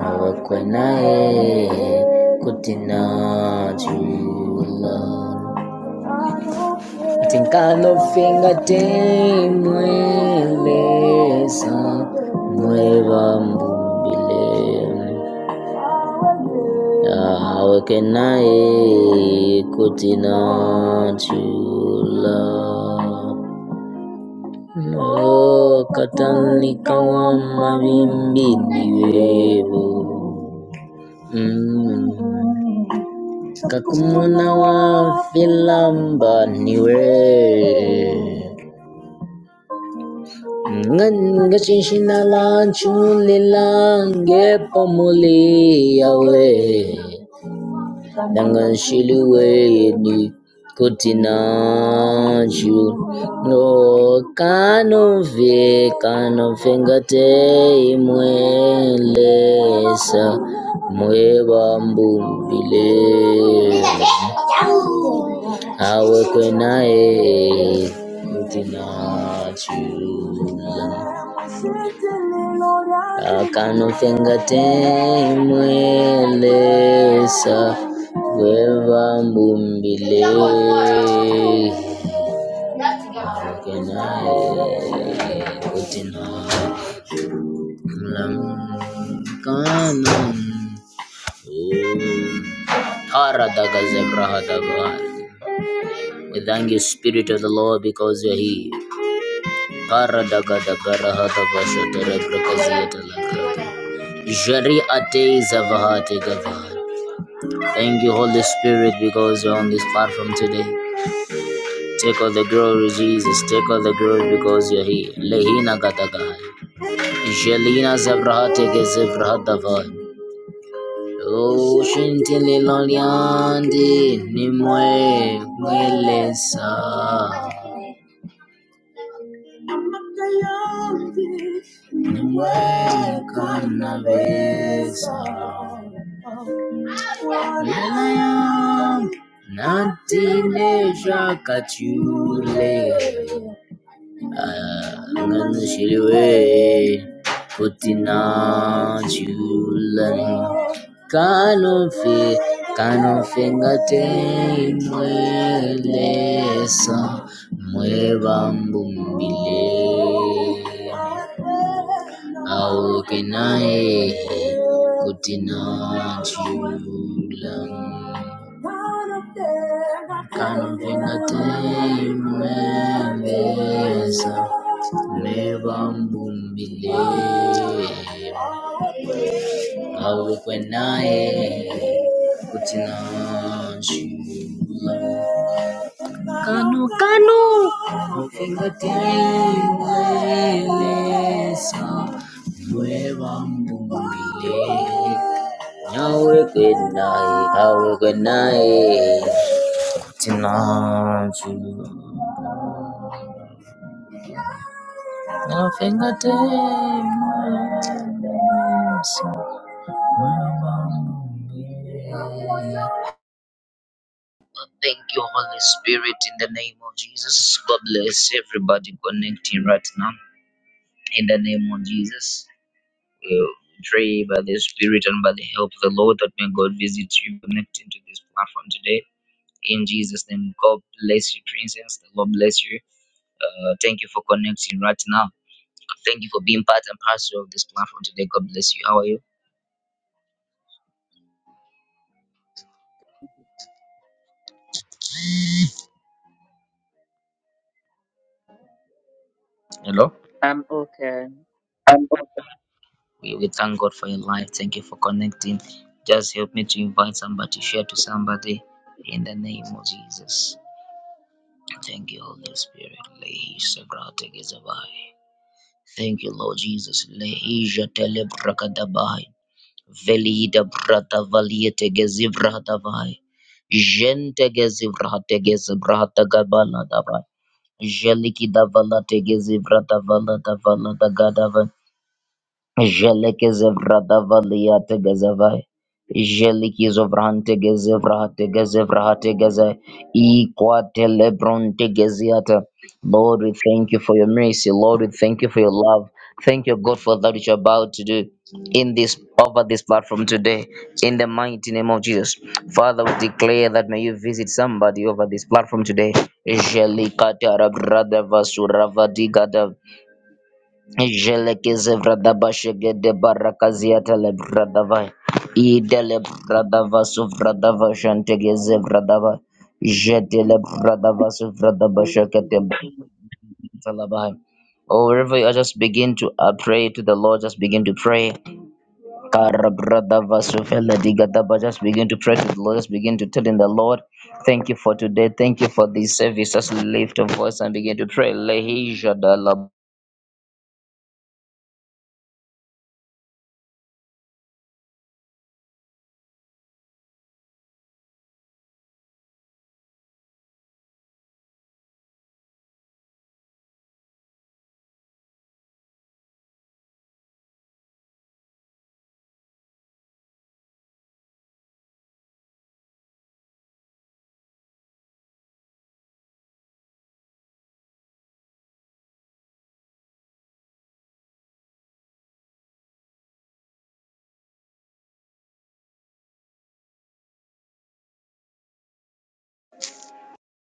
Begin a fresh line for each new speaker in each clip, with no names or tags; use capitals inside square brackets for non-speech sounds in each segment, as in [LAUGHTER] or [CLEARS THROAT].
Awak wanae kutina jula Tingkalo finga te mwelesa Mwewa mbumbile Awak wanae kutina jula Lokatan likawa mawimbi niwewe Mm. Kakumuna filamba niwe Ngan gashin shinalan chunilang ge pamuli yawe Dangan Shiluwe ni Kutina Ju No Kanove Kanovengate Mwelesa Mweba Mbumbile Awe Kwenae Akano finga temwelesa weva mbumbile kenae kutina mlamkano Tara daga zebra hadaga. We thank you, Spirit of the Lord, because you're here. Karadagadagarahadavashatarabrakaziyatalakata. Jari ate zavahate gavaha. Thank you, Holy Spirit, because you're on this platform today. Take all the glory, Jesus. Take all the glory because you're here. Lehina gatagahai. Jelina zavrahate gezevrahadavai. Oh, shintili loliandi nimwe mwelesa. Amakayange wekana beza Lela yange nantineja kachule Anganashiriwe kutina chulani Canove, canovenga temweleza, mueva mbumbile. Aoke naye kuti nachula. Kanomvenga temweleza, mueva mbumbile. அவளுக்கு நாயே kutina shula kanu kanu fingatilelesa nueva mbumbile yawe kwenai yawe kutina shula na fingatilelesa nuevambumile. Thank you, Holy Spirit, in the name of Jesus. God bless everybody connecting right now. In the name of Jesus, we pray by the Spirit and by the help of the Lord that may God visit you connecting to this platform today. In Jesus' name, God bless you, Princess. The Lord bless you. Uh, thank you for connecting right now. Thank you for being part and parcel of this platform today. God bless you. How are you? Hello.
I'm okay.
We, we thank God for your life. Thank you for connecting. Just help me to invite somebody, share to somebody in the name of Jesus. Thank you, Holy Spirit. Lehi sagrate gezabai. Thank you, Lord Jesus. Lehisha telebrakadabai. Velida brata valiete gezivradavai. Gente gezivrate gezivrata gabala dabai. Jeliki davala te vala davala Dagadava. Jelekezevradavaliategezavai. Jelikizovrantegezevrahategezevrahategezai. Iquatelebrontegeziata. Lord, we thank you for your mercy. Lord, we thank you for your love. Thank you, God, for that which you're about to do in this over this platform today. In the mighty name of Jesus. Father, we declare that may you visit somebody over this platform today. Jelikatarabrada vasuravadigadab. Jelekeze vradaba shegede barakazia tele bradava. Idele bradava su vradava shantegeze vradava. Jedele bradava su vradaba
I'm
shakete bradava. Oh, wherever you are, just begin to uh, pray to the Lord. Just begin to pray. Kara bradava su Just begin to pray to the Lord. Just begin to tell him the Lord, thank you for today. Thank you for this service. Just lift your voice and begin to pray. Lehi jadala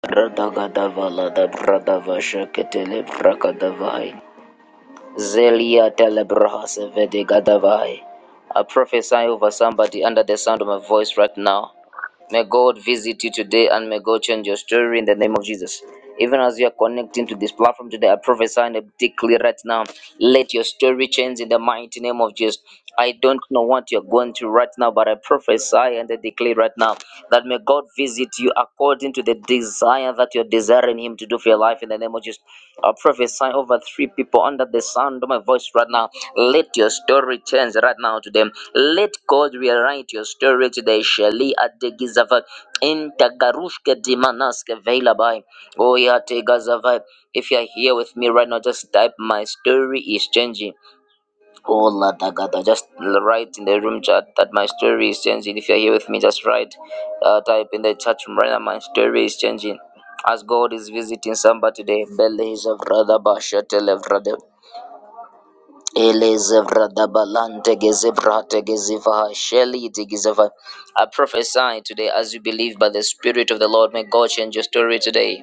Radhagadava Ladabradava Shaketele Prakadavai Zelia Telebrahasevede Gadavai. I prophesy over somebody under the sound of my voice right now. May God visit you today and may God change your story in the name of Jesus. Even as you are connecting to this platform today, I prophesy and I declare right now, let your story change in the mighty name of Jesus. I don't know what you're going through right now, but I prophesy and I declare right now that may God visit you according to the desire that you're desiring Him to do for your life in the name of Jesus. I prophesy over three people under the sound of my voice right now. Let your story change right now to them. Let God rewrite your story today. Shali adegizava intagarushke dimanaske veilabai. Oh yeah, tegazava. If you're here with me right now, just type my story is changing. Oh la dagada, Just write in the room chat that my story is changing. If you're here with me, just write, uh, type in the chat room right now. My story is changing. As God is visiting somebody today, Bele is a brother, Elezevra dabalante gezevra tegeziva sheli tegezeva. I prophesy today as you believe by the Spirit of the Lord. May God change your story today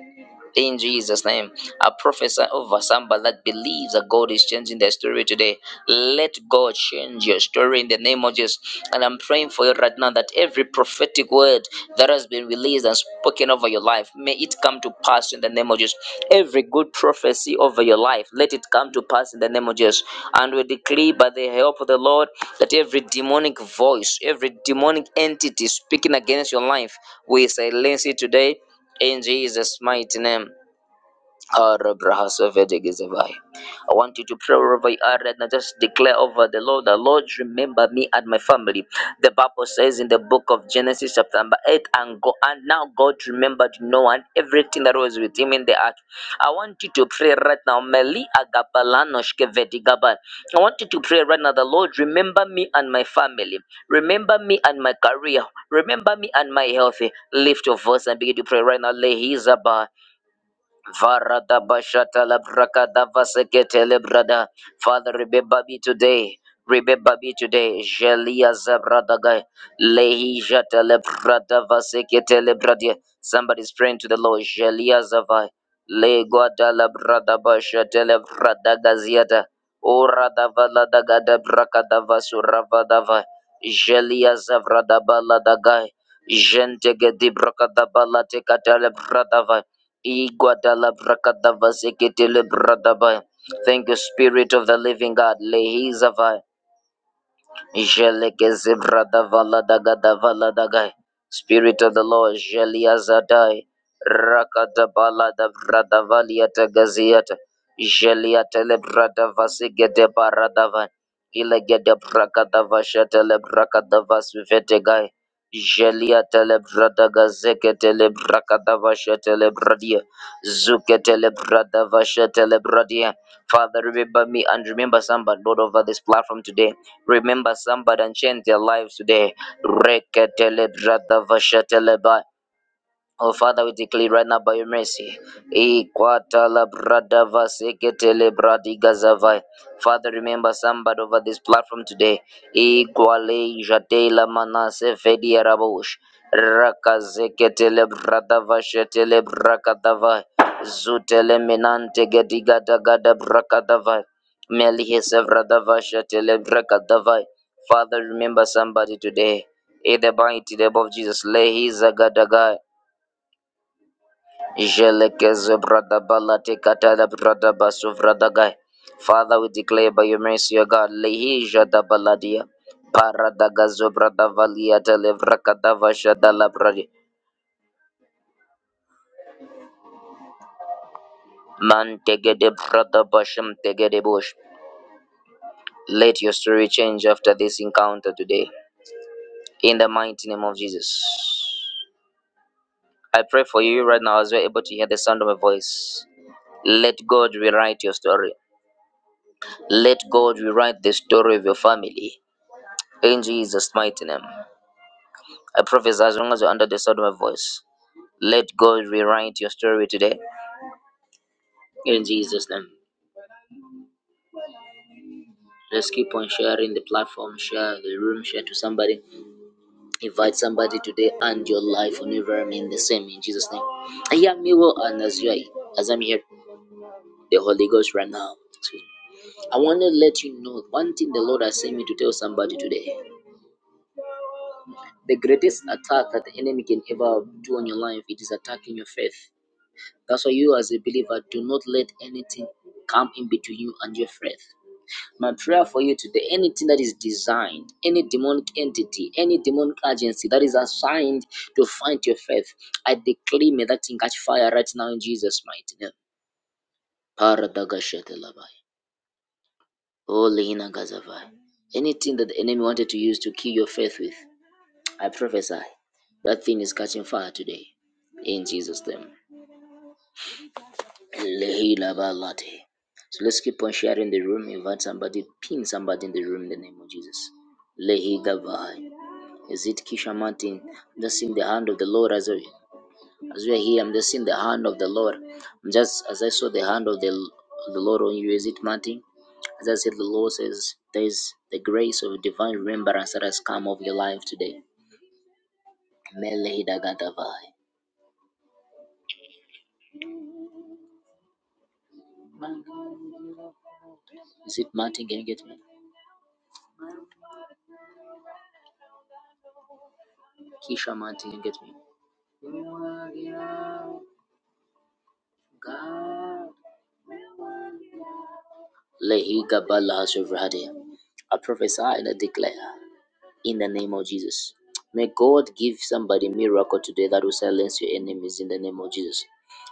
in Jesus' name. I prophesy over somebody that believes that God is changing their story today. Let God change your story in the name of Jesus. And I'm praying for you right now that every prophetic word that has been released and spoken over your life, may it come to pass in the name of Jesus. Every good prophecy over your life, let it come to pass in the name of Jesus. And we decree by the help of the Lord that every demonic voice, every demonic entity speaking against your life, we silence it today in Jesus' mighty name. Ah, Rabraha Sovedigizavai. I want you to pray wherever you are right now. Just declare over the Lord, the Lord, remember me and my family. The Bible says in the book of Genesis, chapter number 8, and, go, and now God remembered Noah and everything that was with him in the ark. I want you to pray right now. Meli agabalanoshke vedigaban. I want you to pray right now, the Lord, remember me and my family. Remember me and my career. Remember me and my health. Lift your voice and begin to pray right now. Lehizaba. Varada bashata labrakada vasekete lebrada. Father, remember me today. Remember me today. Jelia zabradaga. Lehi jata lebrada vasekete lebradia. Somebody's praying to the Lord. Jelia zavai. Le guada labrada bashata lebrada gaziata. Ora davala daga dabraka davasurava dava. Jelia zavrada baladagai. Jente gedi braka dabala brada vai. Thank you, Spirit of the Living God. Lehizavai. Jeleke zebra da vala da ga da vala da ga. Spirit of the Lord, Jelia Zadai, Rakata Bala da Brada Valiata Gaziata, Jelia Telebrada Vasigete Baradava, Ilegede Brakata Vashata Lebrakata Vasuvete Gai, Jelia Telebrada Gazeke Telebrakata Vashata Lebradia, Zuke Telebrada Vashata Lebradia. Father, remember me and remember somebody, Lord, over this platform today Remember somebody and change their lives today. Reketele brada vasha teleba Oh, Father, we declare right now by your mercy. E kwata la brada vaseke tele bradi gazavai. Father, remember somebody over this platform today. E kwale jate la manase fedi arabush. Raka tele brada vashe tele braka Zutele minante gedi gada gada braka davai. Melihe sevrada vashe tele braka Father, remember somebody today. In the mighty name of Jesus, lehi zagadagai. Jelekezo brada balate katada brada basu brada gai. Father, we declare by your mercy, O God, lehija da baladia, para da gazo brada valia da levra kadava shada la bradi, man tegede brada basham tegede bush. Let your story change after this encounter today. In the mighty name of Jesus. I pray for you right now as you're able to hear the sound of my voice. Let God rewrite your story. Let God rewrite the story of your family. In Jesus' mighty name. I prophesy as long as you're under the sound of my voice, let God rewrite your story today. In Jesus' name. Let's keep on sharing the platform, share the room, share to somebody. Invite somebody today, and your life will never remain the same. In Jesus' name. I hear me well, and as you are, as I'm here, the Holy Ghost right now. Excuse me. I want to let you know one thing the Lord has sent me to tell somebody today. The greatest attack that the enemy can ever do on your life, it is attacking your faith. That's why you, as a believer, do not let anything come in between you and your faith. My prayer for you today anything that is designed, any demonic entity, any demonic agency that is assigned to find your faith, I declare may that thing catch fire right now in Jesus' mighty name. Paradagashadalabai. Olehina gazavai. Anything that the enemy wanted to use to kill your faith with, I prophesy that thing is catching fire today in Jesus' name. Lehilabalati. So let's keep on sharing the room. Invite somebody, pin somebody in the room in the name of Jesus. Lehi Gavai. Is it Kisha Martin? I'm just seeing the hand of the Lord as we as we are here. I'm just seeing the hand of the Lord. I'm just as I saw the hand of the of the Lord on you. Is it Martin? As I said, the Lord says there is the grace of divine remembrance that has come over your life today. Melehi Dagadavai. Is it Martin? Can you get me? Kisha Martin, can you get me? God. Lehi Gabala Shuvradi. I prophesy and I declare in the name of Jesus. May God give somebody a miracle today that will silence your enemies in the name of Jesus.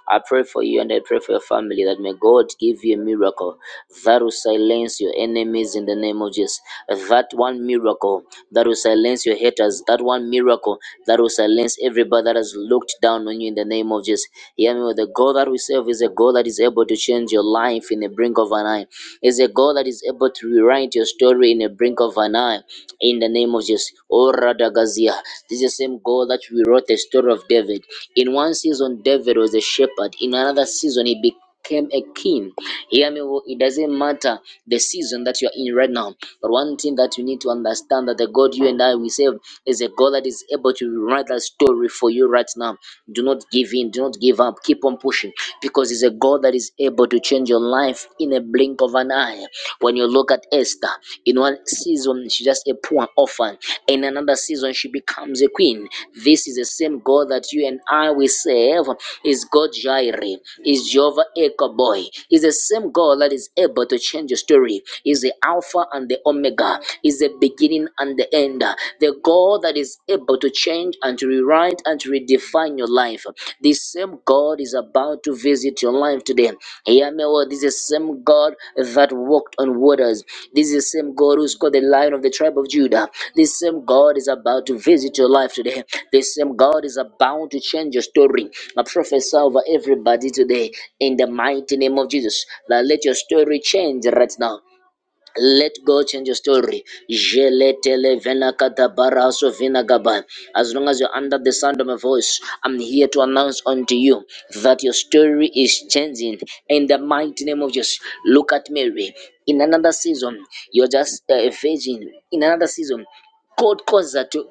I pray for you and I pray for your family that may God give you a miracle that will silence your enemies in the name of Jesus. That one miracle that will silence your haters. That one miracle that will silence everybody that has looked down on you in the name of Jesus. Hear me, well. the God that we serve is a God that is able to change your life in the brink of an eye. Is a God that is able to rewrite your story in the brink of an eye in the name of Jesus. Oh, Radagazia. This is the same God that we wrote the story of David. In one season, David was a shepherd. In another season, he became became a king. Hear me, well, it doesn't matter the season that you are in right now. But one thing that you need to understand that the God you and I we serve is a God that is able to write that story for you right now. Do not give in, do not give up, keep on pushing because it's a God that is able to change your life in a blink of an eye. When you look Look at Esther. In one season, she's just a poor orphan. In another season, she becomes a queen. This is the same God that you and I will serve. Is God Jireh? Is Jehovah Ekaboy? Is the same God that is able to change the story? Is the Alpha and the Omega? Is the beginning and the end? The God that is able to change and to rewrite and to redefine define your life. This same God is about to visit your life today. Hear me, well, this is the same God that walked on waters. This is the same God who's called the lion of the tribe of Judah. This same God is about to visit your life today. This same God is about to change your story. I prophesy over everybody today in the mighty name of Jesus. Now let your story change right now. Let God change your story. Jeletele venakata baraso vinagaba. As long as you're under the sound of my voice, I'm here to announce unto you that your story is changing in the mighty name of Jesus. Look at Mary. In another season, you're just uh, a virgin. In another season, God calls her to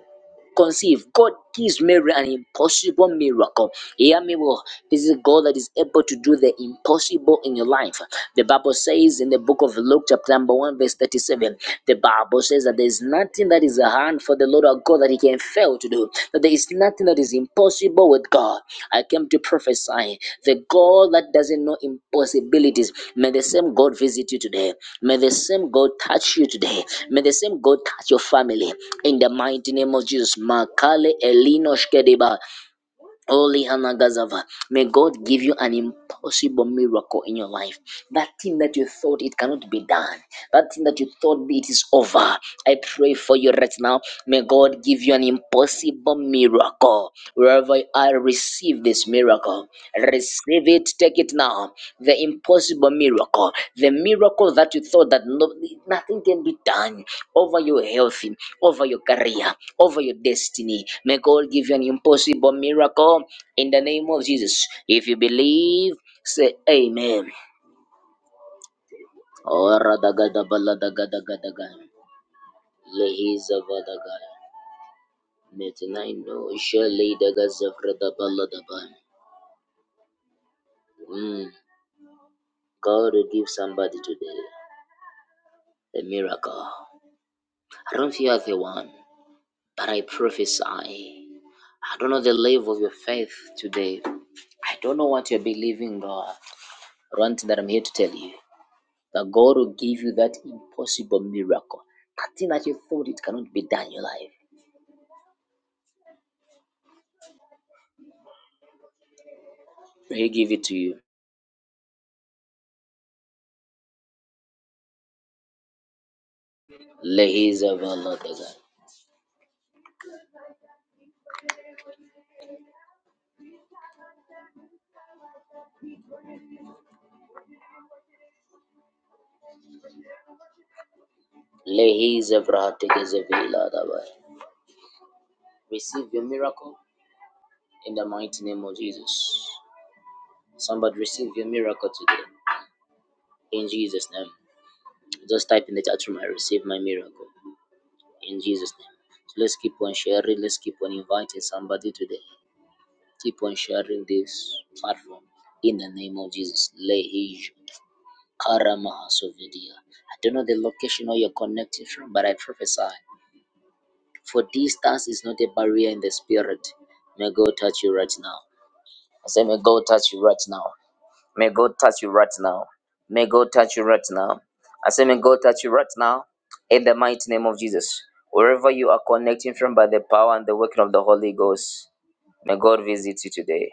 conceive. God gives Mary an impossible miracle. Hear me well. This is God that is able to do the impossible in your life. The Bible says in the book of Luke, chapter number 1, verse 37, the Bible says that there is nothing that is a hand for the Lord our God that he can fail to do. That there is nothing that is impossible with God. I came to prophesy the God that doesn't know impossibilities. May the same God visit you today. May the same God touch you today. May the same God touch your family. In the mighty name of Jesus. Makale Elino Shkedeba. Oh, Lihanagazava, may God give you an impossible miracle in your life. That thing that you thought it cannot be done, that thing that you thought it is over, I pray for you right now. May God give you an impossible miracle. Wherever I receive this miracle, receive. Receive it, take it now. The impossible miracle, the miracle that you thought that no, nothing can be done over your health, over your career, over your destiny. May God give you an impossible miracle in the name of Jesus. If you believe, say Amen. Oradagadabalagadagadaga. Lehizavadaga. Metinaino, shalidagazavradabalagadaba. Mm. God will give somebody today a miracle. I don't fear the one, but I prophesy. I don't know the level of your faith today. I don't know what you're believing, God. But One thing that I'm here to tell you that God will give you that impossible miracle. That thing that you thought it cannot be done in your life. He'll give it to you. Lehizavaladegai. Lehizavrahategezeveladaba. Receive your miracle in the mighty name of Jesus. Somebody receive your miracle today. In Jesus' name. Just type in the chat room, I receive my miracle in Jesus' name. So let's keep on sharing, let's keep on inviting somebody today. Keep on sharing this platform in the name of Jesus. Lehij Karamahasovidia. I don't know the location or you're connected from, but I prophesy. For distance is not a barrier in the spirit. May God touch you right now. I say, may God touch you right now. May God touch you right now. May God touch you right now. I say, may God touch you right now in the mighty name of Jesus. Wherever you are connecting from by the power and the working of the Holy Ghost, may God visit you today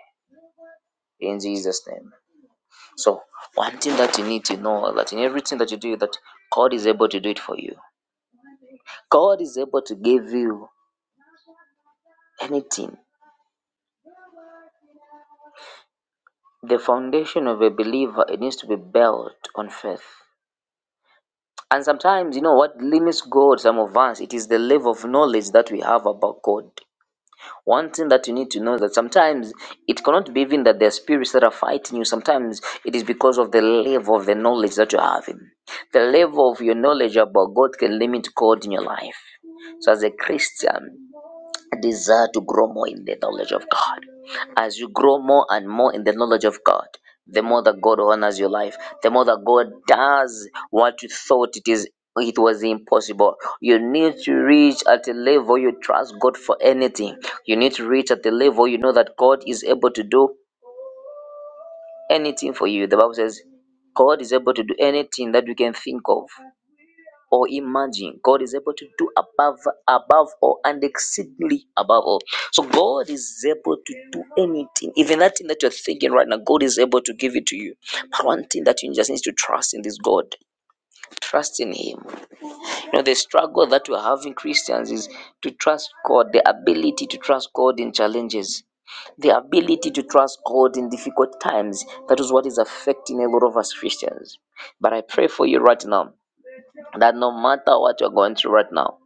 in Jesus' name. So, one thing that you need to know that in everything that you do, that God is able to do it for you. God is able to give you anything. The foundation of a believer it needs to be built on faith. And sometimes, you know, what limits God, some of us, it is the level of knowledge that we have about God. One thing that you need to know is that sometimes it cannot be even that there are spirits that are fighting you. Sometimes it is because of the level of the knowledge that you have. The level of your knowledge about God can limit God in your life. So, as a Christian, I desire to grow more in the knowledge of God. As you grow more and more in the knowledge of God, the more that God honors your life, the more that God does what you thought it is it was impossible. You need to reach at a level you trust God for anything. You need to reach at the level you know that God is able to do anything for you. The Bible says God is able to do anything that we can think of or imagine. God is able to do above, above all, and exceedingly above all. So God is able to do anything, even that thing that you're thinking right now. God is able to give it to you. But one thing that you just need to trust in this God, trust in Him. You know, the struggle that we're having Christians is to trust God, the ability to trust God in challenges the ability to trust God in difficult times. That is what is affecting a lot of us Christians. But I pray for you right now that no matter what you're going through right now,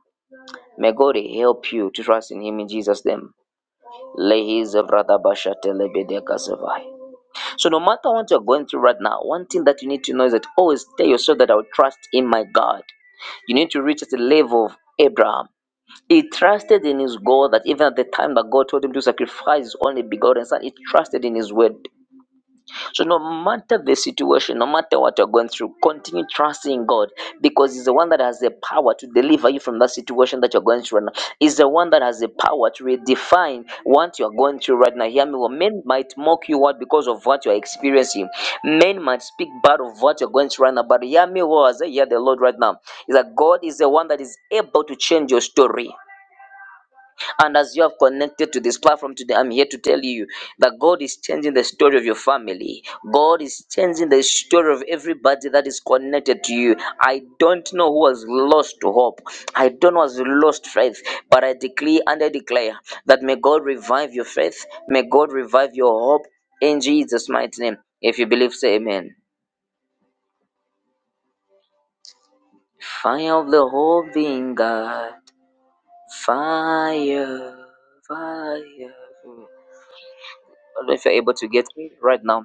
may God help you to trust in Him in Jesus' name. So no matter what you're going through right now, one thing that you need to know is that always tell yourself that I will trust in my God. You need to reach at the level of Abraham. He trusted in his God that even at the time that God told him to sacrifice his only begotten son, he trusted in his word. So, no matter the situation, no matter what you're going through, continue trusting God because He's the one that has the power to deliver you from that situation that you're going through right now. He's the one that has the power to redefine what you're going through right now. Hear me. Well, men might mock you out because of what you're experiencing, men might speak bad of what you're going through right now. But hear me, well, as I hear the Lord right now, is that God is the one that is able to change your story. And as you have connected to this platform today, I'm here to tell you that God is changing the story of your family. God is changing the story of everybody that is connected to you. I don't know who has lost hope. I don't know who has lost faith. But I declare and I declare that may God revive your faith. May God revive your hope in Jesus' mighty name. If you believe, say amen. Fire of the Holy God. Fire. Fire. I don't know if you're able to get me right now.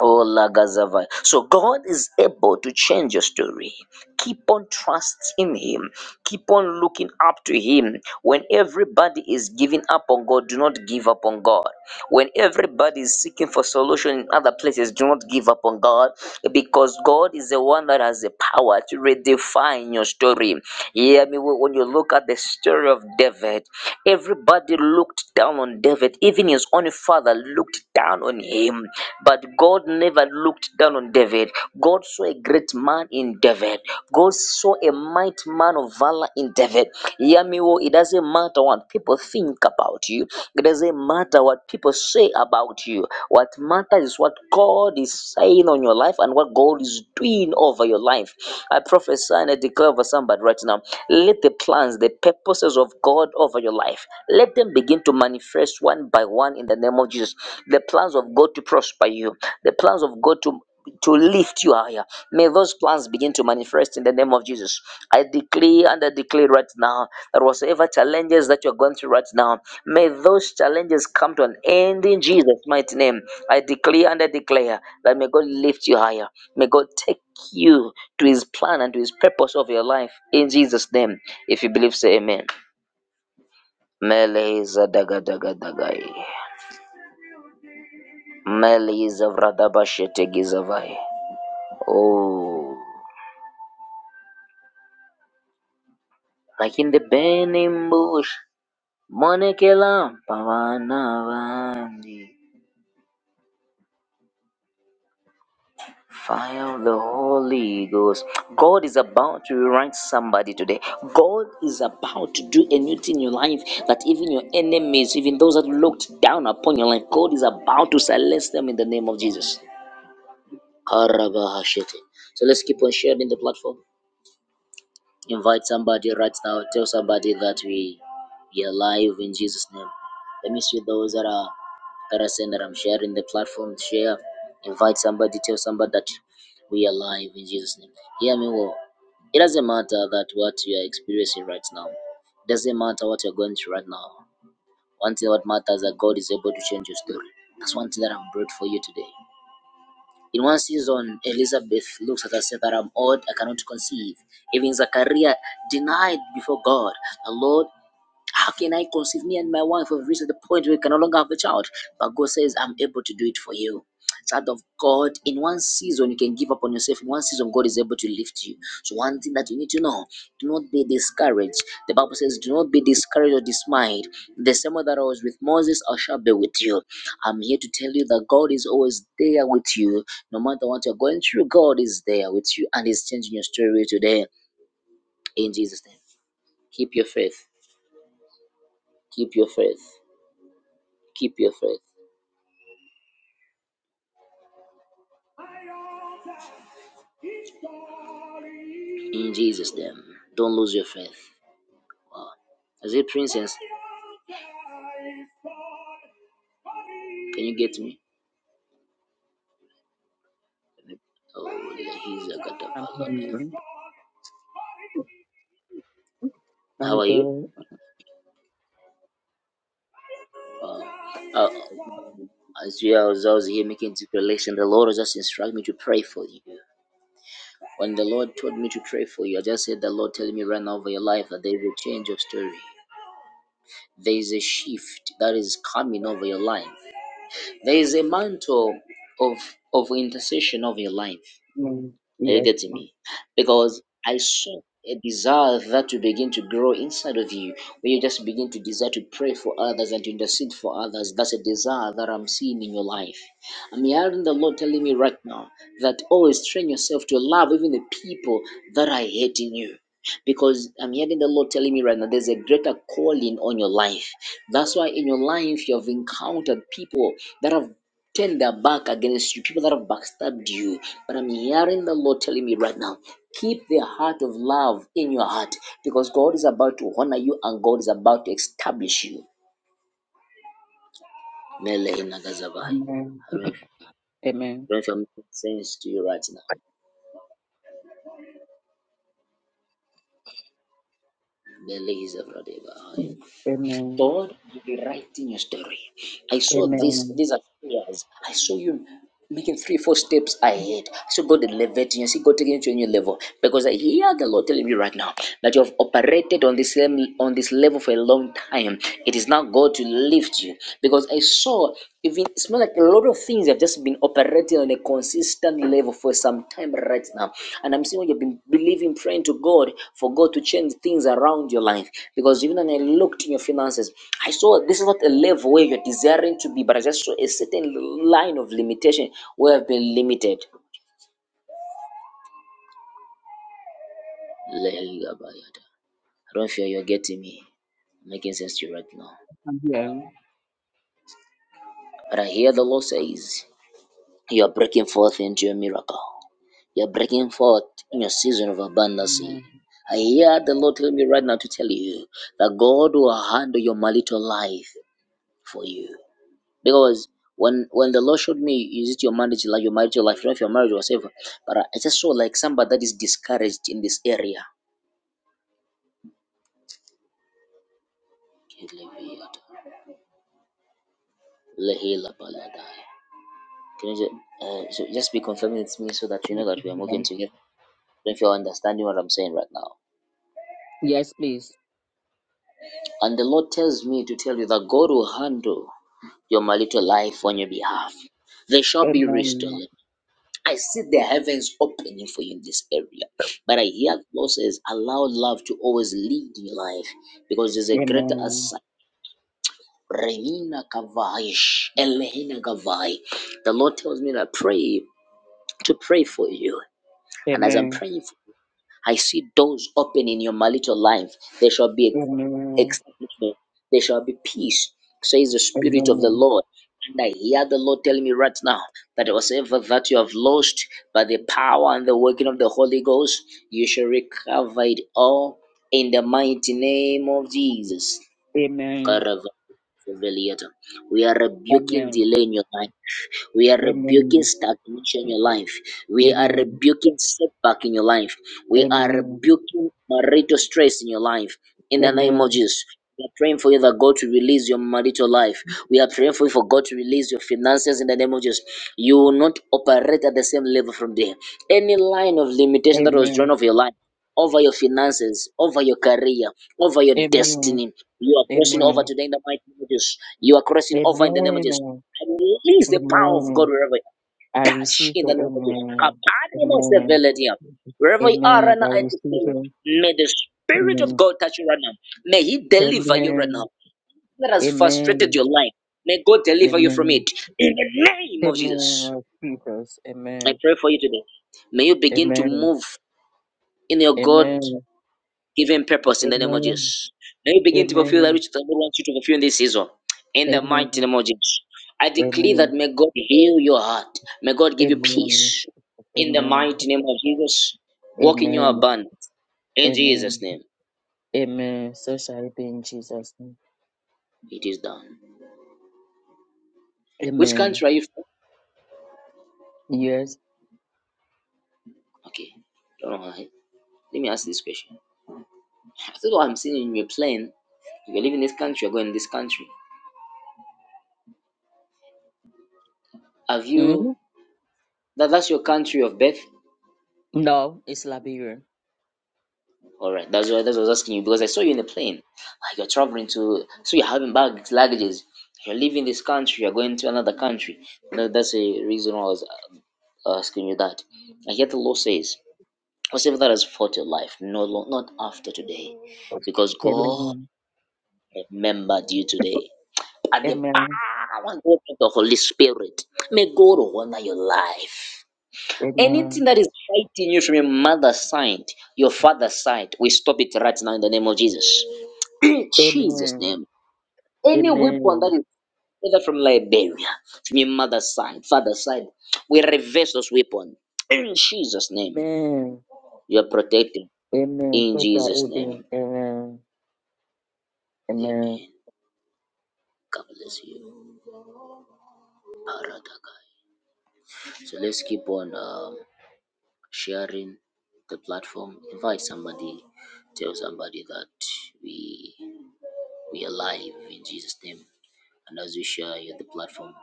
Oh, Lagazavai. So God is able to change your story. Keep on trusting Him. Keep on looking up to Him. When everybody is giving up on God, do not give up on God. When everybody is seeking for solution in other places, do not give up on God because God is the one that has the power to redefine your story. Hear me when when you look at the story of David, everybody looked down on David, even his own father looked down on him but God never looked down on David. God saw a great man in David. God saw a mighty man of valor in David. Hear me, well, it doesn't matter what people think about you. It doesn't matter what people say about you. What matters is what God is saying on your life and what God is doing over your life. I prophesy and I declare over somebody right now. Let the plans, the purposes of God over your life, let them begin to manifest one by one in the name of Jesus. The plans of God to prosper you, the plans of God to to lift you higher. May those plans begin to manifest in the name of Jesus. I declare and I declare right now that whatever challenges that you're going through right now, may those challenges come to an end in Jesus' mighty name. I declare and I declare that may God lift you higher. May God take you to his plan and to his purpose of your life in Jesus' name. If you believe, say amen. Mele is daga daga dagai. Mele is a vradabashete Oh. Back-in-the-burning bush, Monekela, Pavanavandi. Fire of the Holy Ghost. God is about to rewrite somebody today. God is about to do a new thing in your life that even your enemies, even those that looked down upon your life, God is about to silence them in the name of Jesus. Karabahashete. So let's keep on sharing the platform. Invite somebody right now. Tell somebody that we, we are alive in Jesus' name. Let me see those that are. That I saying that I'm sharing the platform. Share, invite somebody, tell somebody that we are alive in Jesus' name. Hear me well. It doesn't matter that what you are experiencing right now. It doesn't matter what you're going through right now. One thing that matters is that God is able to change your story. That's one thing that I've brought for you today. In one season, Elizabeth looks at her and said that I'm old, I cannot conceive. Even Zachariah denied before God. The Lord how can I conceive me and my wife have reached the point where we can no longer have a child? But God says, I'm able to do it for you. Child of God, in one season you can give up on yourself. In one season, God is able to lift you. So, one thing that you need to know do not be discouraged. The Bible says, Do not be discouraged or dismayed. The same way that I was with Moses, I shall be with you. I'm here to tell you that God is always there with you. No matter what you're going through, God is there with you and is changing your story today. In Jesus' name, keep your faith. Keep your faith Keep your faith. In Jesus' name. Don't lose your faith. Is it princess? Can you get me? Oh, yeah, he's a catapult.
hungry.
How
I'm
are you?
good.
Uh, uh, as you are was, I was here making declaration, the Lord just instructed me to pray for you. When the Lord told me to pray for you, I just said the Lord telling me right now over your life that there is a change of story. there is a shift that is coming over your life. There is a mantle of of intercession over your life.
Amen.
Are you
Yes.
getting
Lord.
me? Because I saw a desire that will begin to grow inside of you when you just begin to desire to pray for others and to intercede for others. That's a desire that I'm seeing in your life. I'm hearing the Lord telling me right now that always train yourself to love even the people that are hating you. Because I'm hearing the Lord telling me right now there's a greater calling on your life. That's why in your life you have encountered people that have turn their back against you, people that have backstabbed you. But I'm hearing the Lord telling me right now, keep the heart of love in your heart because God is about to honor you and God is about to establish you. Mele inagazavai. I
Amen.
don't know
Amen.
if I don't know if I'm making sense to you right now. Mele is a brother. God,
Amen.
Lord will be writing your story. I saw this,
Amen.
these are prayers. I saw you making three, four steps ahead. I saw God elevating you. I see God taking you to a new level. Because I hear the Lord telling me right now that you have operated on this same on this level for a long time. It is now God to lift you. Because I saw even it's more like a lot of things have just been operating on a consistent level for some time right now. And I'm seeing you've been believing, praying to God for God to change things around your life. Because even when I looked in your finances, I saw this is not a level where you're desiring to be, but I just saw a certain line of limitation where I've been limited. I don't feel you're getting me. Making sense to you right now.
I'm here.
But I hear the Lord says, You are breaking forth into a miracle. You're breaking forth in your season of abundance.
Amen.
I hear the Lord telling me right now to tell you that God will handle your marital life for you. Because when when the Lord showed me, is it your marriage like your marital life, not your marriage or whatever, but I I just saw like somebody that is discouraged in this area. Can you just, uh, so just be confirming with me so that you
Yes,
know that we are moving
Amen.
together. If you're understanding what I'm saying right now.
Yes, please.
And the Lord tells me to tell you that God will handle your marital life on your behalf. They shall be restored.
Amen.
I see the heavens opening for you in this area. But I hear the Lord says, allow love to always lead your life because there's a greater
Amen.
aside. Remina Kavai, Elehina Kavai. The Lord tells me that pray to pray for you. And as I'm
Amen.
praying, for I see doors open in your marital life. There shall be a
Amen.
Exactly. There shall be peace, says the
Amen.
Spirit of the
Amen.
Lord. And I hear the Lord telling me right now that whatsoever that you have lost by the power and the working of the Holy Ghost, you shall recover it all in the mighty name of Jesus.
Amen.
Veliata. We are rebuking
Amen.
delay in your life. We are rebuking
Amen.
stagnation in your life. We are
Amen.
rebuking setback in your life. We are
Amen.
rebuking marital stress in your life.
Amen.
In the name of
Amen.
Jesus. We are praying for you that God to release your marital life. We are praying for you for God to release your finances in the name of Jesus. You will not operate at the same level from there. Any line of limitation that was drawn of your life over your finances, over your career, over your
Amen.
destiny. You are crossing over today in the mighty name of Jesus. You are crossing over in the name of Jesus. I release the
Amen.
power of
Amen.
God wherever you
I
are. touch
receive
in the
it.
name of Jesus.
Amen.
Kapanemos
Amen.
eveledia. Wherever you are
Amen.
right now,
I
I
receive
declare,
it.
may the Spirit of
Amen.
God touch you right now. May He deliver you right now.
Amen.
That has
Amen.
frustrated your life. May God deliver you from it.
Amen.
In the name of Jesus.
Amen. Jesus.
I
Amen.
pray for you today. May you begin to
Amen.
move in your God
Amen.
Give him purpose in the name of
Amen.
Jesus. May you begin to fulfill that
Amen.
which the Lord wants you to fulfill in this season. In the
Amen.
mighty name of Jesus. I declare that
Amen.
may God heal your heart. May God give you
Amen.
peace. In the
Amen.
mighty name of Jesus. Walk in your
Amen.
abundance. In Jesus'
Amen.
name.
Amen. So shall it be in Jesus' name.
It is done. Which
Amen.
country are you from?
Yes.
Okay. Don't know why. Let me ask this question. I thought what I'm seeing in your plane. You're leaving this country, you're going to this country. Have you
Mm?
that that's your country of birth?
No, it's Liberia.
All right, that's why that's what I was asking you because I saw you in a plane. Like you're traveling to, so you're having bags, luggages. You're leaving this country, you're going to another country. No, that's the reason why I was uh, asking you that. And yet the law says, whatever that has fought your life, no, lo- not after today, because God
Amen.
remembered you today. At the
Amen.
power and work of the Holy Spirit, may God honor your life.
Amen.
Anything that is fighting you from your mother's side, your father's side, we stop it right now in the name of Jesus. [CLEARS THROAT] Jesus'
Amen.
name. Any weapon that
Amen.
is either from Liberia, from your mother's side, father's side, we reverse those weapons. In Jesus' name.
Amen.
You are protected.
Amen.
In
Praise God.
Jesus'
Amen.
name.
Amen. Amen.
Amen. God bless you. Paradagai. So let's keep on um, sharing the platform. Invite somebody. Tell somebody that we We are live in Jesus' name. And as we share here the platform,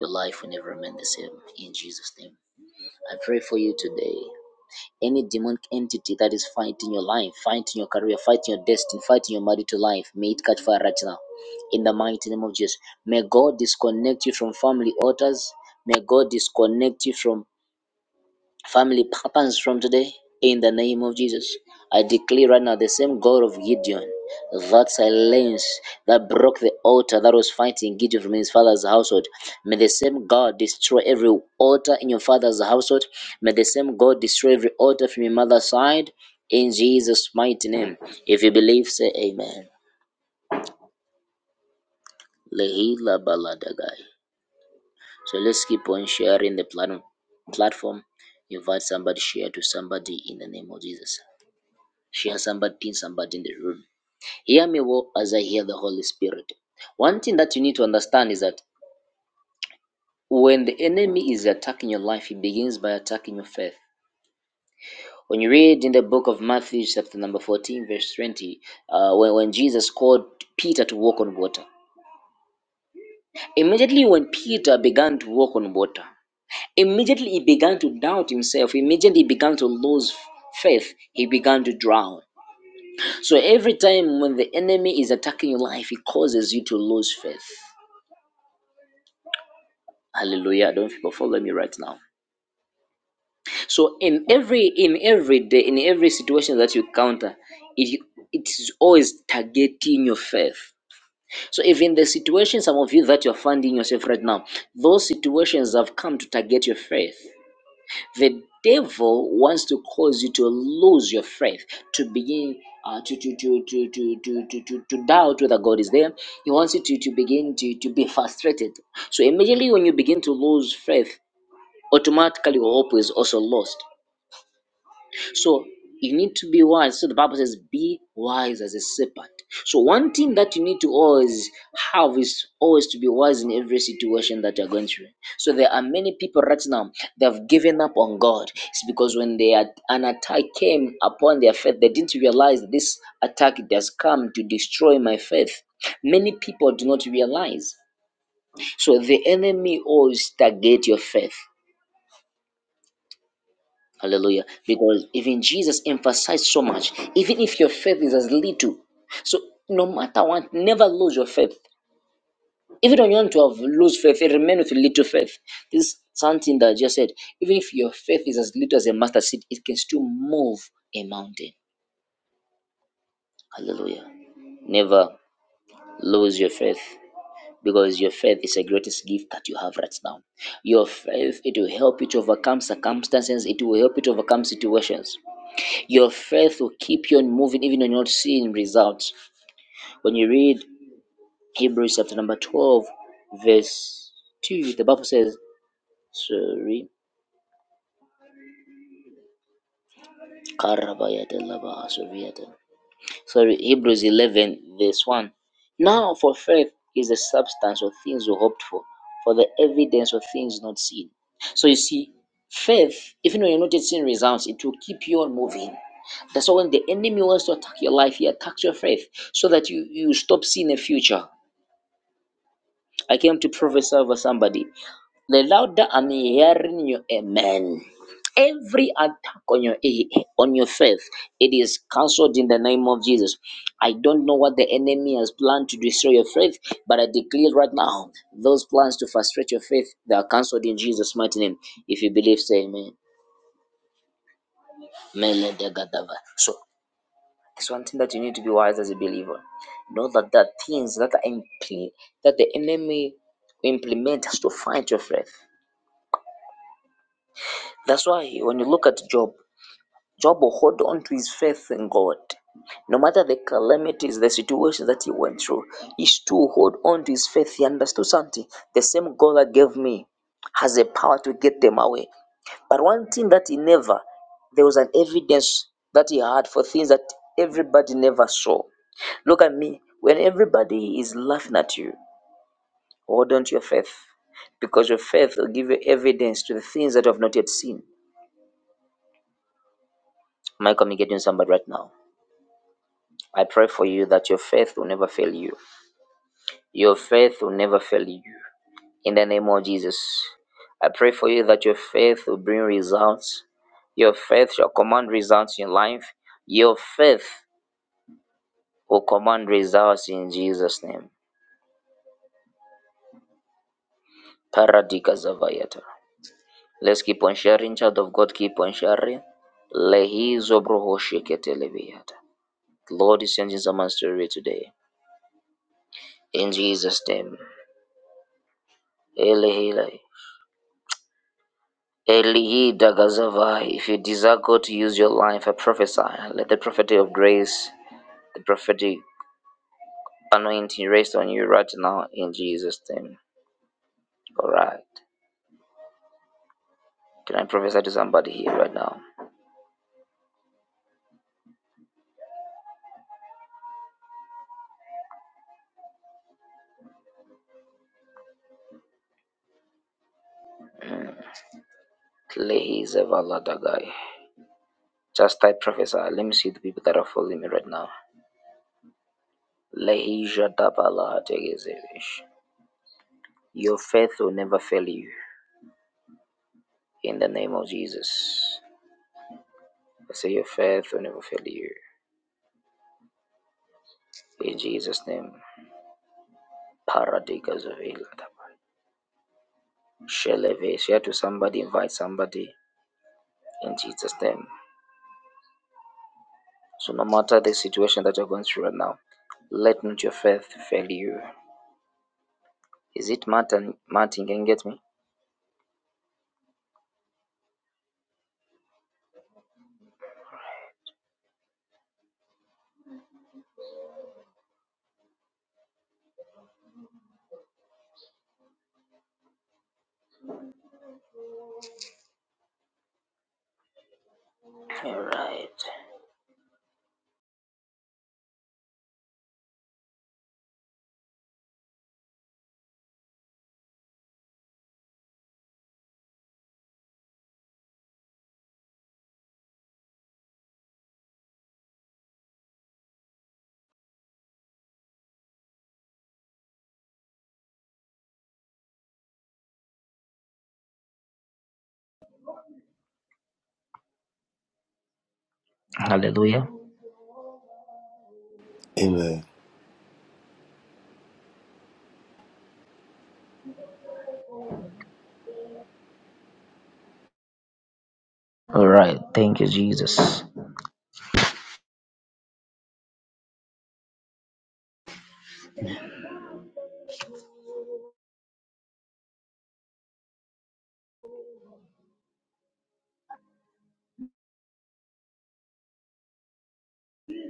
your life will never remain the same in Jesus' name. I pray for you today. Any demonic entity that is fighting your life, fighting your career, fighting your destiny, fighting your marital life, may it catch fire right now. In the mighty name of Jesus. May God disconnect you from family altars. May God disconnect you from Family happens from today in the name of Jesus. I declare right now the same God of Gideon, that silence that broke the altar that was fighting Gideon from his father's household. May the same God destroy every altar in your father's household. May the same God destroy every altar from your mother's side. In Jesus' mighty name. If you believe, say amen. Lehila baladagai. So let's keep on sharing the plan- platform. Invite somebody, share to somebody in the name of Jesus. She has somebody pinned somebody in the room. Hear me well as I hear the Holy Spirit. One thing that you need to understand is that when the enemy is attacking your life, he begins by attacking your faith. When you read in the book of Matthew, chapter number 14, verse 20, uh, when, when Jesus called Peter to walk on water, immediately when Peter began to walk on water, immediately he began to doubt himself, immediately he began to lose faith, he began to drown. So every time when the enemy is attacking your life, it causes you to lose faith. Hallelujah. I Don't know if people follow me right now. So in every in every day, in every situation that you encounter, it it is always targeting your faith. So even the situation, some of you that you're finding yourself right now, those situations have come to target your faith. The devil wants to cause you to lose your faith, to begin uh, to, to, to, to, to, to, to, to, to doubt whether God is there. He wants you to, to begin to, to be frustrated. So immediately when you begin to lose faith, automatically your hope is also lost. So you need to be wise. So the Bible says, be wise as a serpent. So one thing that you need to always have is always to be wise in every situation that you're going through. So there are many people right now they have given up on God. It's because when they had, an attack came upon their faith, they didn't realize that this attack it has come to destroy my faith. Many people do not realize. So the enemy always target your faith. Hallelujah. Because even Jesus emphasized so much, even if your faith is as little. So no matter what, never lose your faith. Even when you want to have lose faith, remain with little faith. This is something that I just said. Even if your faith is as little as a mustard seed, it can still move a mountain. Hallelujah. Never lose your faith because your faith is the greatest gift that you have right now. Your faith, it will help you to overcome circumstances, it will help you to overcome situations. Your faith will keep you on moving even when you're not seeing results. When you read Hebrews chapter number 12, verse 2, the Bible says, Sorry. Karabayatelabahasoviyate. sorry, Hebrews 11, verse 1. Now, for faith is the substance of things we hoped for, for the evidence of things not seen. So you see, faith, even when you're not yet seeing results, it will keep you on moving. That's why when the enemy wants to attack your life, he attacks your faith so that you, you stop seeing a future. I came to prophesy over somebody. The louder I'm hearing you, amen. Every attack on your on your faith, it is cancelled in the name of Jesus. I don't know what the enemy has planned to destroy your faith, but I declare right now, those plans to frustrate your faith, they are cancelled in Jesus' mighty name. If you believe, say amen. Amen. So it's one thing that you need to be wise as a believer. Know that there things that are impl- that the enemy implements to fight your faith. That's why when you look at Job, Job held on to his faith in God. No matter the calamities, the situation that he went through, he still hold on to his faith. He understood something. The same God that gave me has the power to get them away. But one thing that he never, there was an evidence that he had for things that everybody never saw. Look at me. When everybody is laughing at you, hold on to your faith. Because your faith will give you evidence to the things that you have not yet seen. Am I communicating with somebody right now? I pray for you that your faith will never fail you. Your faith will never fail you. In the name of Jesus, I pray for you that your faith will bring results. Your faith shall command results in life. Your faith will command results in Jesus' name. Paradika Zavayata. Let's keep on sharing, child of God, keep on sharing. Lehizo broho sheketelebiyata. Lord is changing someone's story today. In Jesus' name. Elehilai. Eli Dagazavai, if you desire God to use your life, I prophesy, let the prophecy of grace, the prophetic anointing rest on you right now in Jesus' name. All right. Can I prophesy to somebody here right now? Lehi Zavala Dagai. Just type prophesy. Let me see the people that are following me right now. Lehi Jadabala Degezevish. Your faith will never fail you in the name of Jesus. I say your faith will never fail you in Jesus' name. Paradigas of Share Share to somebody, invite somebody in Jesus' name. So no matter the situation that you're going through right now, let not your faith fail you. Is it Martin? Martin can you get me? All right. Hallelujah.
Amen.
All right. Thank you, Jesus.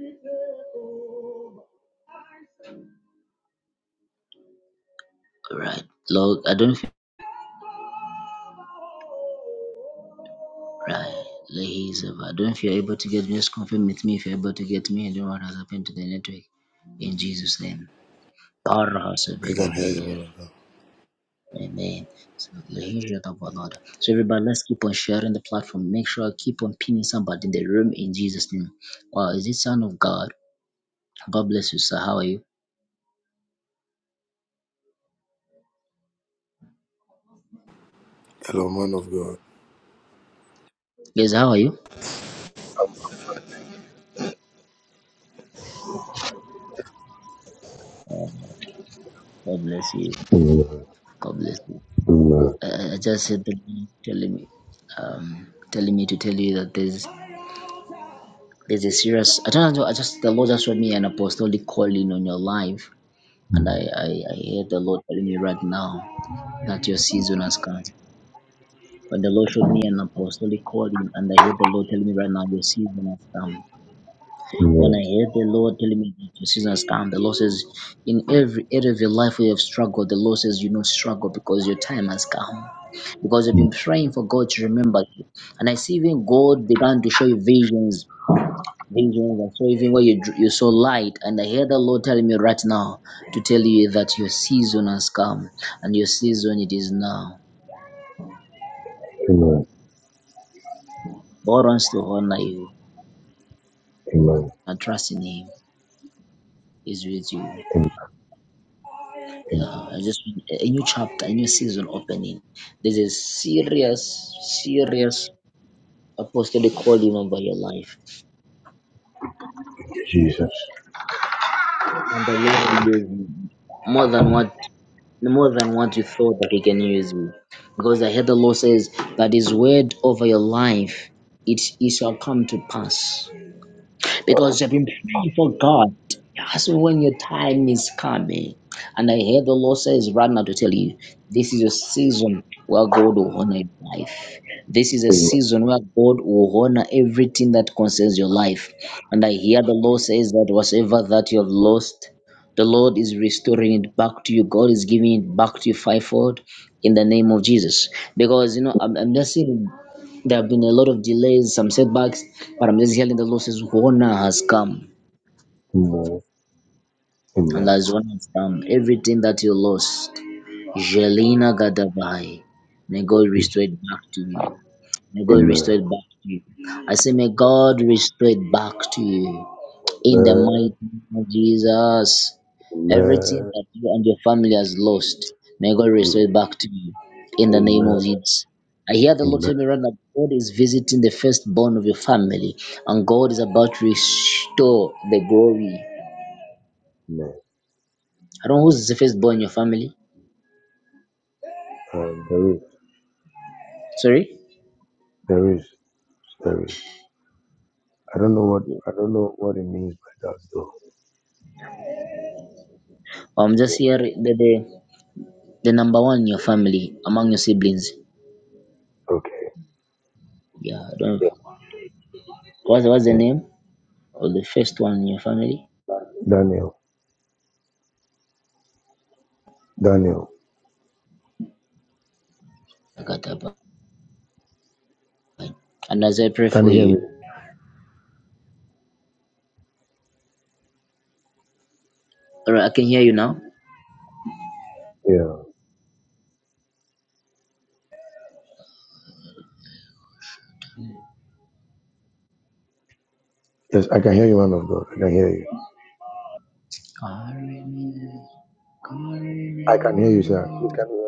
All right. Lord, I don't feel right. Ladies, I don't know if you're able to get me. Just confirm with me if you're able to get me. I don't know what has happened to the network. In Jesus' name. Powerhouse
We can hear you,
available.
man of God.
Amen. So Leisure of our Lord. So everybody, let's keep on sharing the platform. Make sure I keep on pinning somebody in the room in Jesus' name. Wow, is it Son of God? God bless you, sir. How are you?
Hello, man of God.
Yes, how are you? Um, God bless you. God bless you. Uh, I just said the Lord telling me, um, telling me to tell you that there's there's a serious. I don't know. I just the Lord just showed me an apostolic calling on your life, and I I, I hear the Lord telling me right now that your season has come. But the Lord showed me an apostolic calling, and I heard the Lord telling me right now, your season has come. When
Amen.
I heard the Lord telling me that your season has come, the Lord says, in every area of your life where you have struggled, the Lord says, you not struggle because your time has come. Because you've
Amen.
been praying for God to remember you. And I see even God began to show you visions. Visions. I saw even where you, dr- you saw light. And I hear the Lord telling me right now to tell you that your season has come. And your season, it is now.
Amen.
God wants to honor you
Amen.
and trust in Him. is with you.
Amen.
Yeah,
Amen.
I just a new chapter, a new season opening. There's a serious, serious apostolic calling over your life,
Jesus.
and the Lord will use you more than what more than what you thought that He can use you, because I heard the Lord says that His word over your life it it shall come to pass because you've been praying for God. Ask when your time is coming. And I hear the Lord says right now to tell you, this is your season where God will honor your life. This is a
Amen.
season where God will honor everything that concerns your life. And I hear the Lord says that whatever that you have lost, the Lord is restoring it back to you. God is giving it back to you fivefold in the name of Jesus. Because, you know, I'm, I'm just seeing there have been a lot of delays, some setbacks, but I'm just hearing the Lord says, honor has come.
Amen.
And
Amen.
as honor has come, everything that you lost, Jelena Gadabai, may God
Jesus.
restore it back to you. May God restore
Amen.
it back to you. I say, may God restore it back to you in the
Amen.
mighty name of Jesus. Everything
Amen.
that you and your family has lost, may God restore
Jesus.
it back to you in the name
Amen.
of Jesus. I hear the Lord
Amen.
tell me right now, God is visiting the firstborn of your family, and God is about to restore the glory.
Amen.
I don't know who's the firstborn in your family.
Uh, there is.
Sorry?
There is. There is. I don't know what. I don't know what it means by that though.
I'm just here the, the the number one in your family among your siblings.
Okay.
Yeah, I don't
Yeah.
what's what's the
Yeah.
name? or the first one in your family.
Daniel. Daniel.
Akatapai. And as I pray
Can
for
you hear me?
you, all right, I can hear you now.
Yeah. Yes, I can hear you, man of God. I can hear you. I can hear you, sir. Please can you hear me?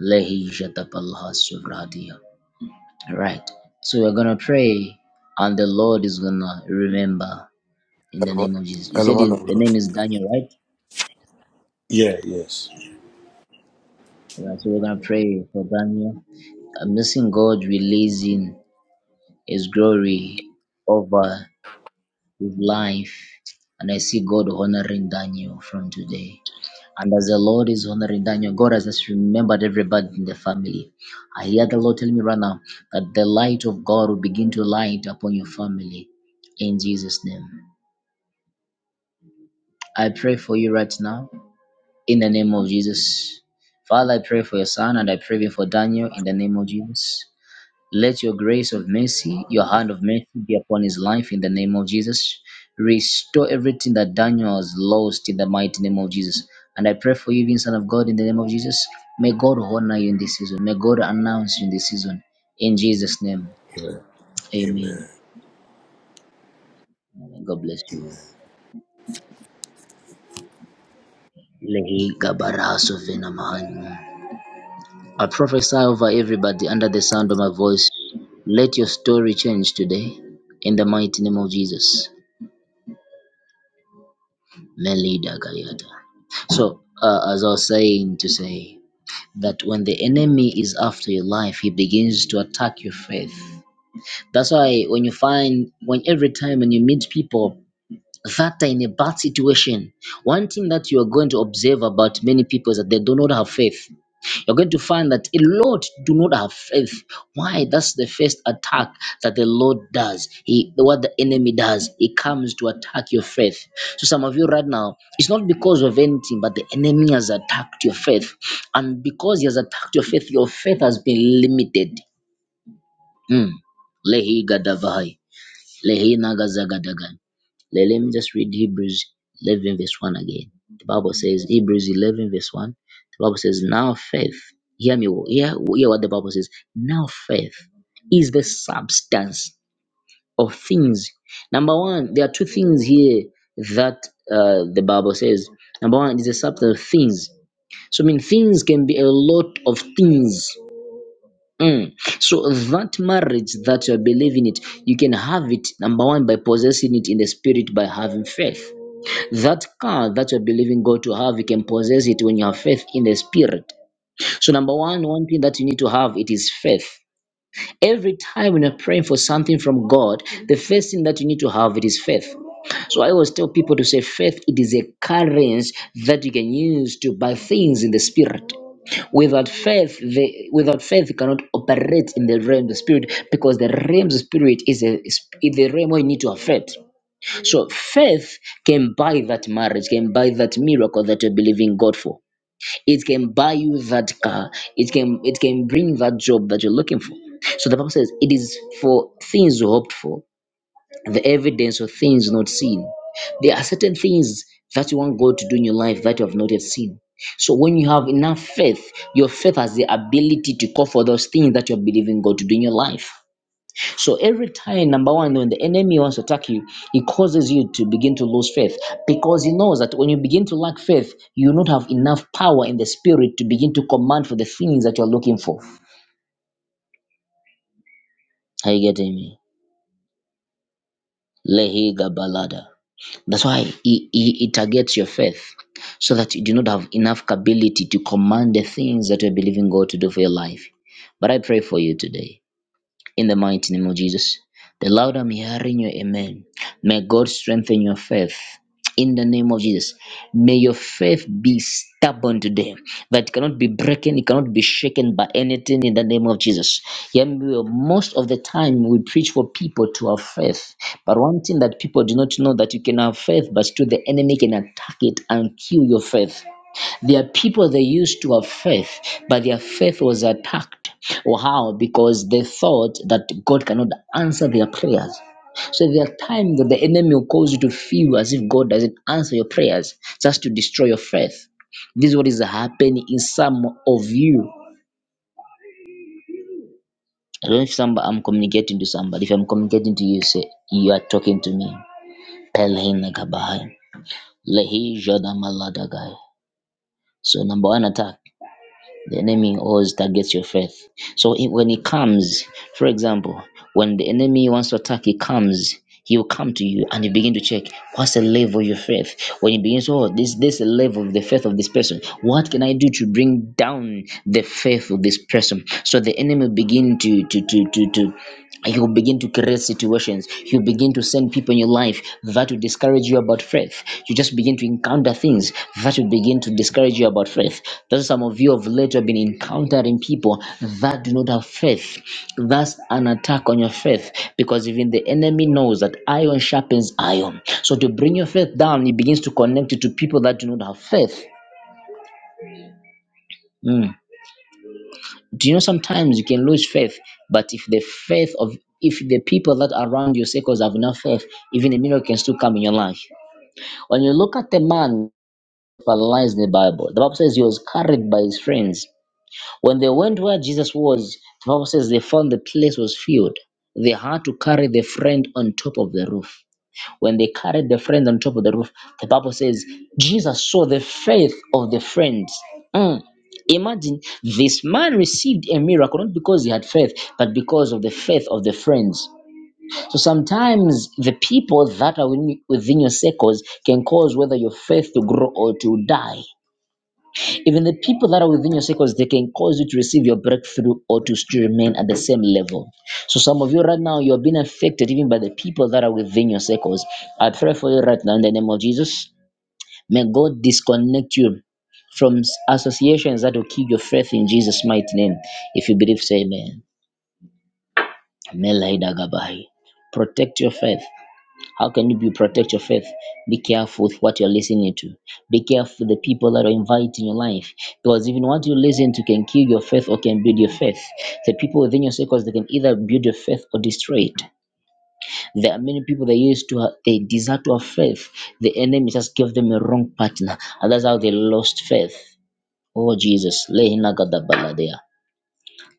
Lehi Jatapalha Suvradia. All right, so we're gonna pray, and the Lord is gonna remember in the name of Jesus. You said
Eleven
his,
of
the
God.
name is Daniel, right?
Yeah, yes.
All right, so we're gonna pray for Daniel. I'm missing God releasing His glory over his life, and I see God honoring Daniel from today. And as the Lord is honoring Daniel, God has just remembered everybody in the family. I hear the Lord telling me right now that the light of God will begin to light upon your family in Jesus' name. I pray for you right now in the name of Jesus. Father, I pray for your son and I pray for Daniel in the name of Jesus. Let your grace of mercy, your hand of mercy be upon his life in the name of Jesus. Restore everything that Daniel has lost in the mighty name of Jesus. And I pray for you, even Son of God, in the name of Jesus. May God honor you in this season. May God announce you in this season. In Jesus' name,
Amen. Amen.
amen. God bless you.
Amen.
Lehi gabaraso venamahani. I prophesy over everybody under the sound of my voice. Let your story change today in the mighty name of Jesus. Melida Dakayata. So, uh, as I was saying to say, that when the enemy is after your life, he begins to attack your faith. That's why when you find, when every time when you meet people that are in a bad situation, one thing that you are going to observe about many people is that they do not have faith. You're going to find that a lot do not have faith. Why? That's the first attack that the Lord does. He, what the enemy does, he comes to attack your faith. So some of you right now, it's not because of anything, but the enemy has attacked your faith, and because he has attacked your faith, your faith has been limited. Mm. Lehi gadavai. Lehina Gazagadagan. Let me just read Hebrews 11, verse 1 again. The Bible says, Hebrews 11, verse 1. The Bible says, Now faith, hear me, hear, hear what the Bible says. Now faith is the substance of things. Number one, there are two things here that uh, the Bible says. Number one it is the substance of things. So, I mean, things can be a lot of things. Mm. So that marriage that you believe in it, you can have it number one by possessing it in the spirit by having faith. That car that you're believing God to have, you can possess it when you have faith in the spirit. So number one, one thing that you need to have it is faith. Every time when you're praying for something from God, the first thing that you need to have it is faith. So I always tell people to say faith it is a currency that you can use to buy things in the spirit. Without faith, the, without faith, you cannot operate in the realm of the spirit because the realm of the spirit is, a, is the realm where you need to have faith. So faith can buy that marriage, can buy that miracle that you're believing God for it can buy you that car it can it can bring that job that you're looking for so the bible says it is for things you hoped for the evidence of things not seen there are certain things that you want god to do in your life that you have not yet seen so when you have enough faith your faith has the ability to call for those things that you're believing god to do in your life so every time, number one, when the enemy wants to attack you, he causes you to begin to lose faith because he knows that when you begin to lack faith, you will not have enough power in the spirit to begin to command for the things that you're looking for. Are you getting me? Lehiga balada. That's why he, he, he targets your faith so that you do not have enough ability to command the things that you're believing God to do for your life. But I pray for you today In the mighty name of Jesus. The loud I'm hearing you, amen. May God strengthen your faith. In the name of Jesus, may your faith be stubborn today, that it cannot be broken, it cannot be shaken by anything in the name of Jesus. Yeah, we will- most of the time we preach for people to have faith, but one thing that people do not know that you can have faith, but still the enemy can attack it and kill your faith. There are people they used to have faith, but their faith was attacked. Or how? Because they thought that God cannot answer their prayers. So there are times that the enemy will cause you to feel as if God doesn't answer your prayers, just to destroy your faith. This is what is happening in some of you. I don't know if somebody, I'm communicating to somebody. If I'm communicating to you, say you are talking to me. Pelhin Nagabahai. Lehi Jada Maladagai. So number one attack. The enemy always targets your faith. So it- when he comes, for example, when the enemy wants to attack, he comes. He will come to you and you begin to check what's the level of your faith. When he begins, oh, this this is the level of the faith of this person. What can I do to bring down the faith of this person? So the enemy begin to to to to to he will begin to create situations. He will begin to send people in your life that will discourage you about faith. You just begin to encounter things that will begin to discourage you about faith. That's some of you have later been encountering people that do not have faith. That's an attack on your faith because even the enemy knows that iron sharpens iron. So to bring your faith down, he begins to connect it to people that do not have faith. Mm. do you know sometimes you can lose faith but if the faith of if the people that are around your circles have enough faith even a miracle can still come in your life when you look at the man who paralyzed in the bible the bible says he was carried by his friends when they went where jesus was the bible says they found the place was filled they had to carry the friend on top of the roof when they carried the friend on top of the roof, the Bible says Jesus saw the faith of the friends. Mm. Imagine this man received a miracle not because he had faith, but because of the faith of the friends. So sometimes the people that are within within your circles can cause whether your faith to grow or to die. Even the people that are within your circles, they can cause you to receive your breakthrough or to still remain at the same level. So some of you right now, you're being affected even by the people that are within your circles. I pray for you right now in the name of Jesus. May God disconnect you from s- associations that will kill your faith in Jesus' mighty name. If you believe, say amen. Amen. Laida Gabai. Protect your faith. How can you be, protect your faith? Be careful with what you're listening to. Be careful with the people that are invited in your life. Because even what you listen to can kill your faith or can build your faith. The people within your circles, they can either build your faith or destroy it. There are many people that used to, ha- they desire to have faith. The enemy just gave them a wrong partner. And that's how they lost faith. Oh, Jesus. Lehina gadabaladea.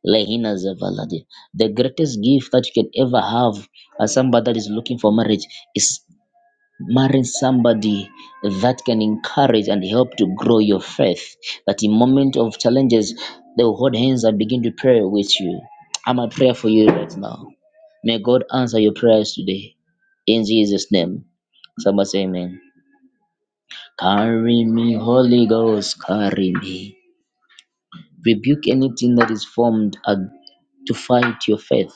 Lehina zavaladea. The greatest gift that you can ever have as somebody that is looking for marriage is Marry somebody that can encourage and help to grow your faith. That in moment of challenges, they will hold hands and begin to pray with you. I'm a prayer for you right now. May God answer your prayers today. In Jesus' name. Somebody say amen. Carry me, Holy Ghost, carry me. Rebuke anything that is formed ag- to fight your faith.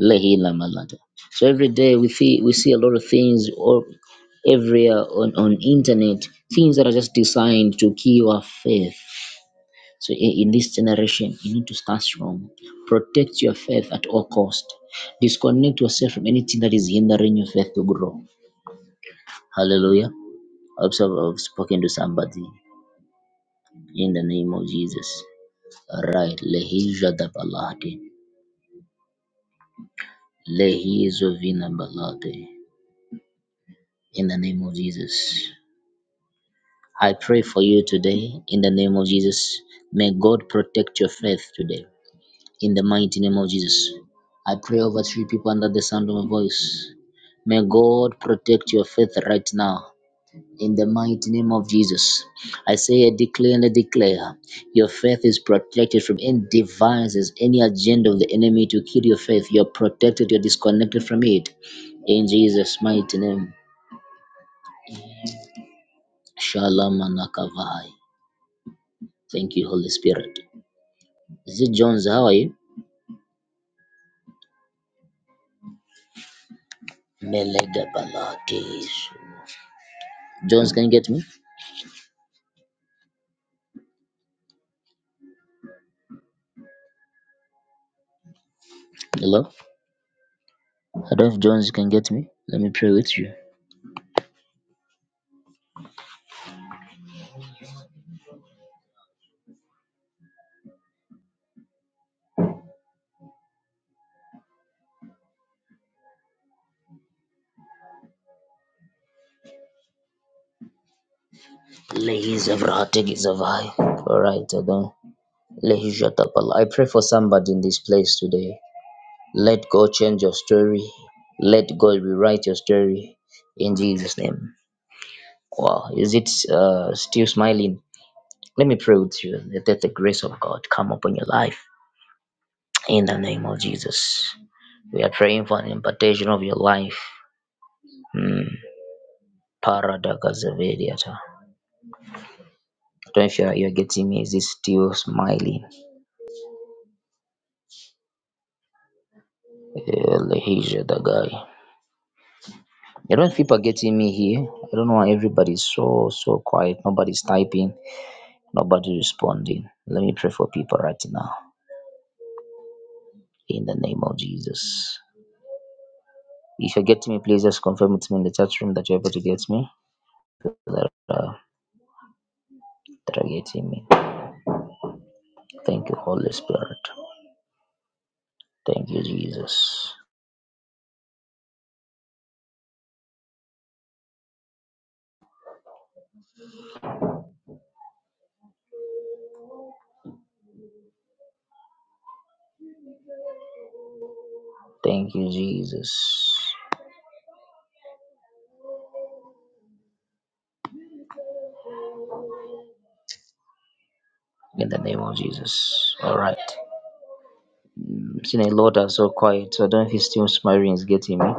Lehi Lamalata. So every day we see we see a lot of things or everywhere on on internet things that are just designed to kill our faith. So in, in this generation, you need to start strong. Protect your faith at all cost. Disconnect yourself from anything that is hindering your faith to grow. Hallelujah. I hope so I've spoken to somebody in the name of Jesus. All right. Lehi Jadabalate. Lehi Zovina Balate. In the name of Jesus. I pray for you today in the name of Jesus. May God protect your faith today in the mighty name of Jesus. I pray over three people under the sound of my voice. May God protect your faith right now. In the mighty name of Jesus, I say, I declare and I declare, your faith is protected from any devices, any agenda of the enemy to kill your faith. You're protected, you're disconnected from it. In Jesus' mighty name, Shalom Anakavai. Thank you, Holy Spirit. Is it Jones? How are you? Mele Balakis. Jones, can you get me? Hello? I don't know if Jones can get me. Let me pray with you. Lehis Evratig is a Alright, Adam. Lehishatapala. I pray for somebody in this place today. Let God change your story. Let God rewrite your story in Jesus' name. Wow, is it uh, still smiling? Let me pray with you. Let the grace of God come upon your life. In the name of Jesus, we are praying for an impartation of your life. Mm. Paradakazavediata. I don't know if you're, you're getting me. Is this still smiling? Elehija the guy. I don't know if people are getting me here. I don't know why everybody's so so quiet. Nobody's typing. Nobody's responding. Let me pray for people right now. In the name of Jesus. If you're getting me, please just confirm it to me in the chat room that you're able to get me. That, uh, that are getting me. Thank you, Holy Spirit. Thank you, Jesus. Thank you, Jesus. In the name of Jesus. All right. Mm, Seeing a lot are so quiet, so I don't know if his still smiling is getting me.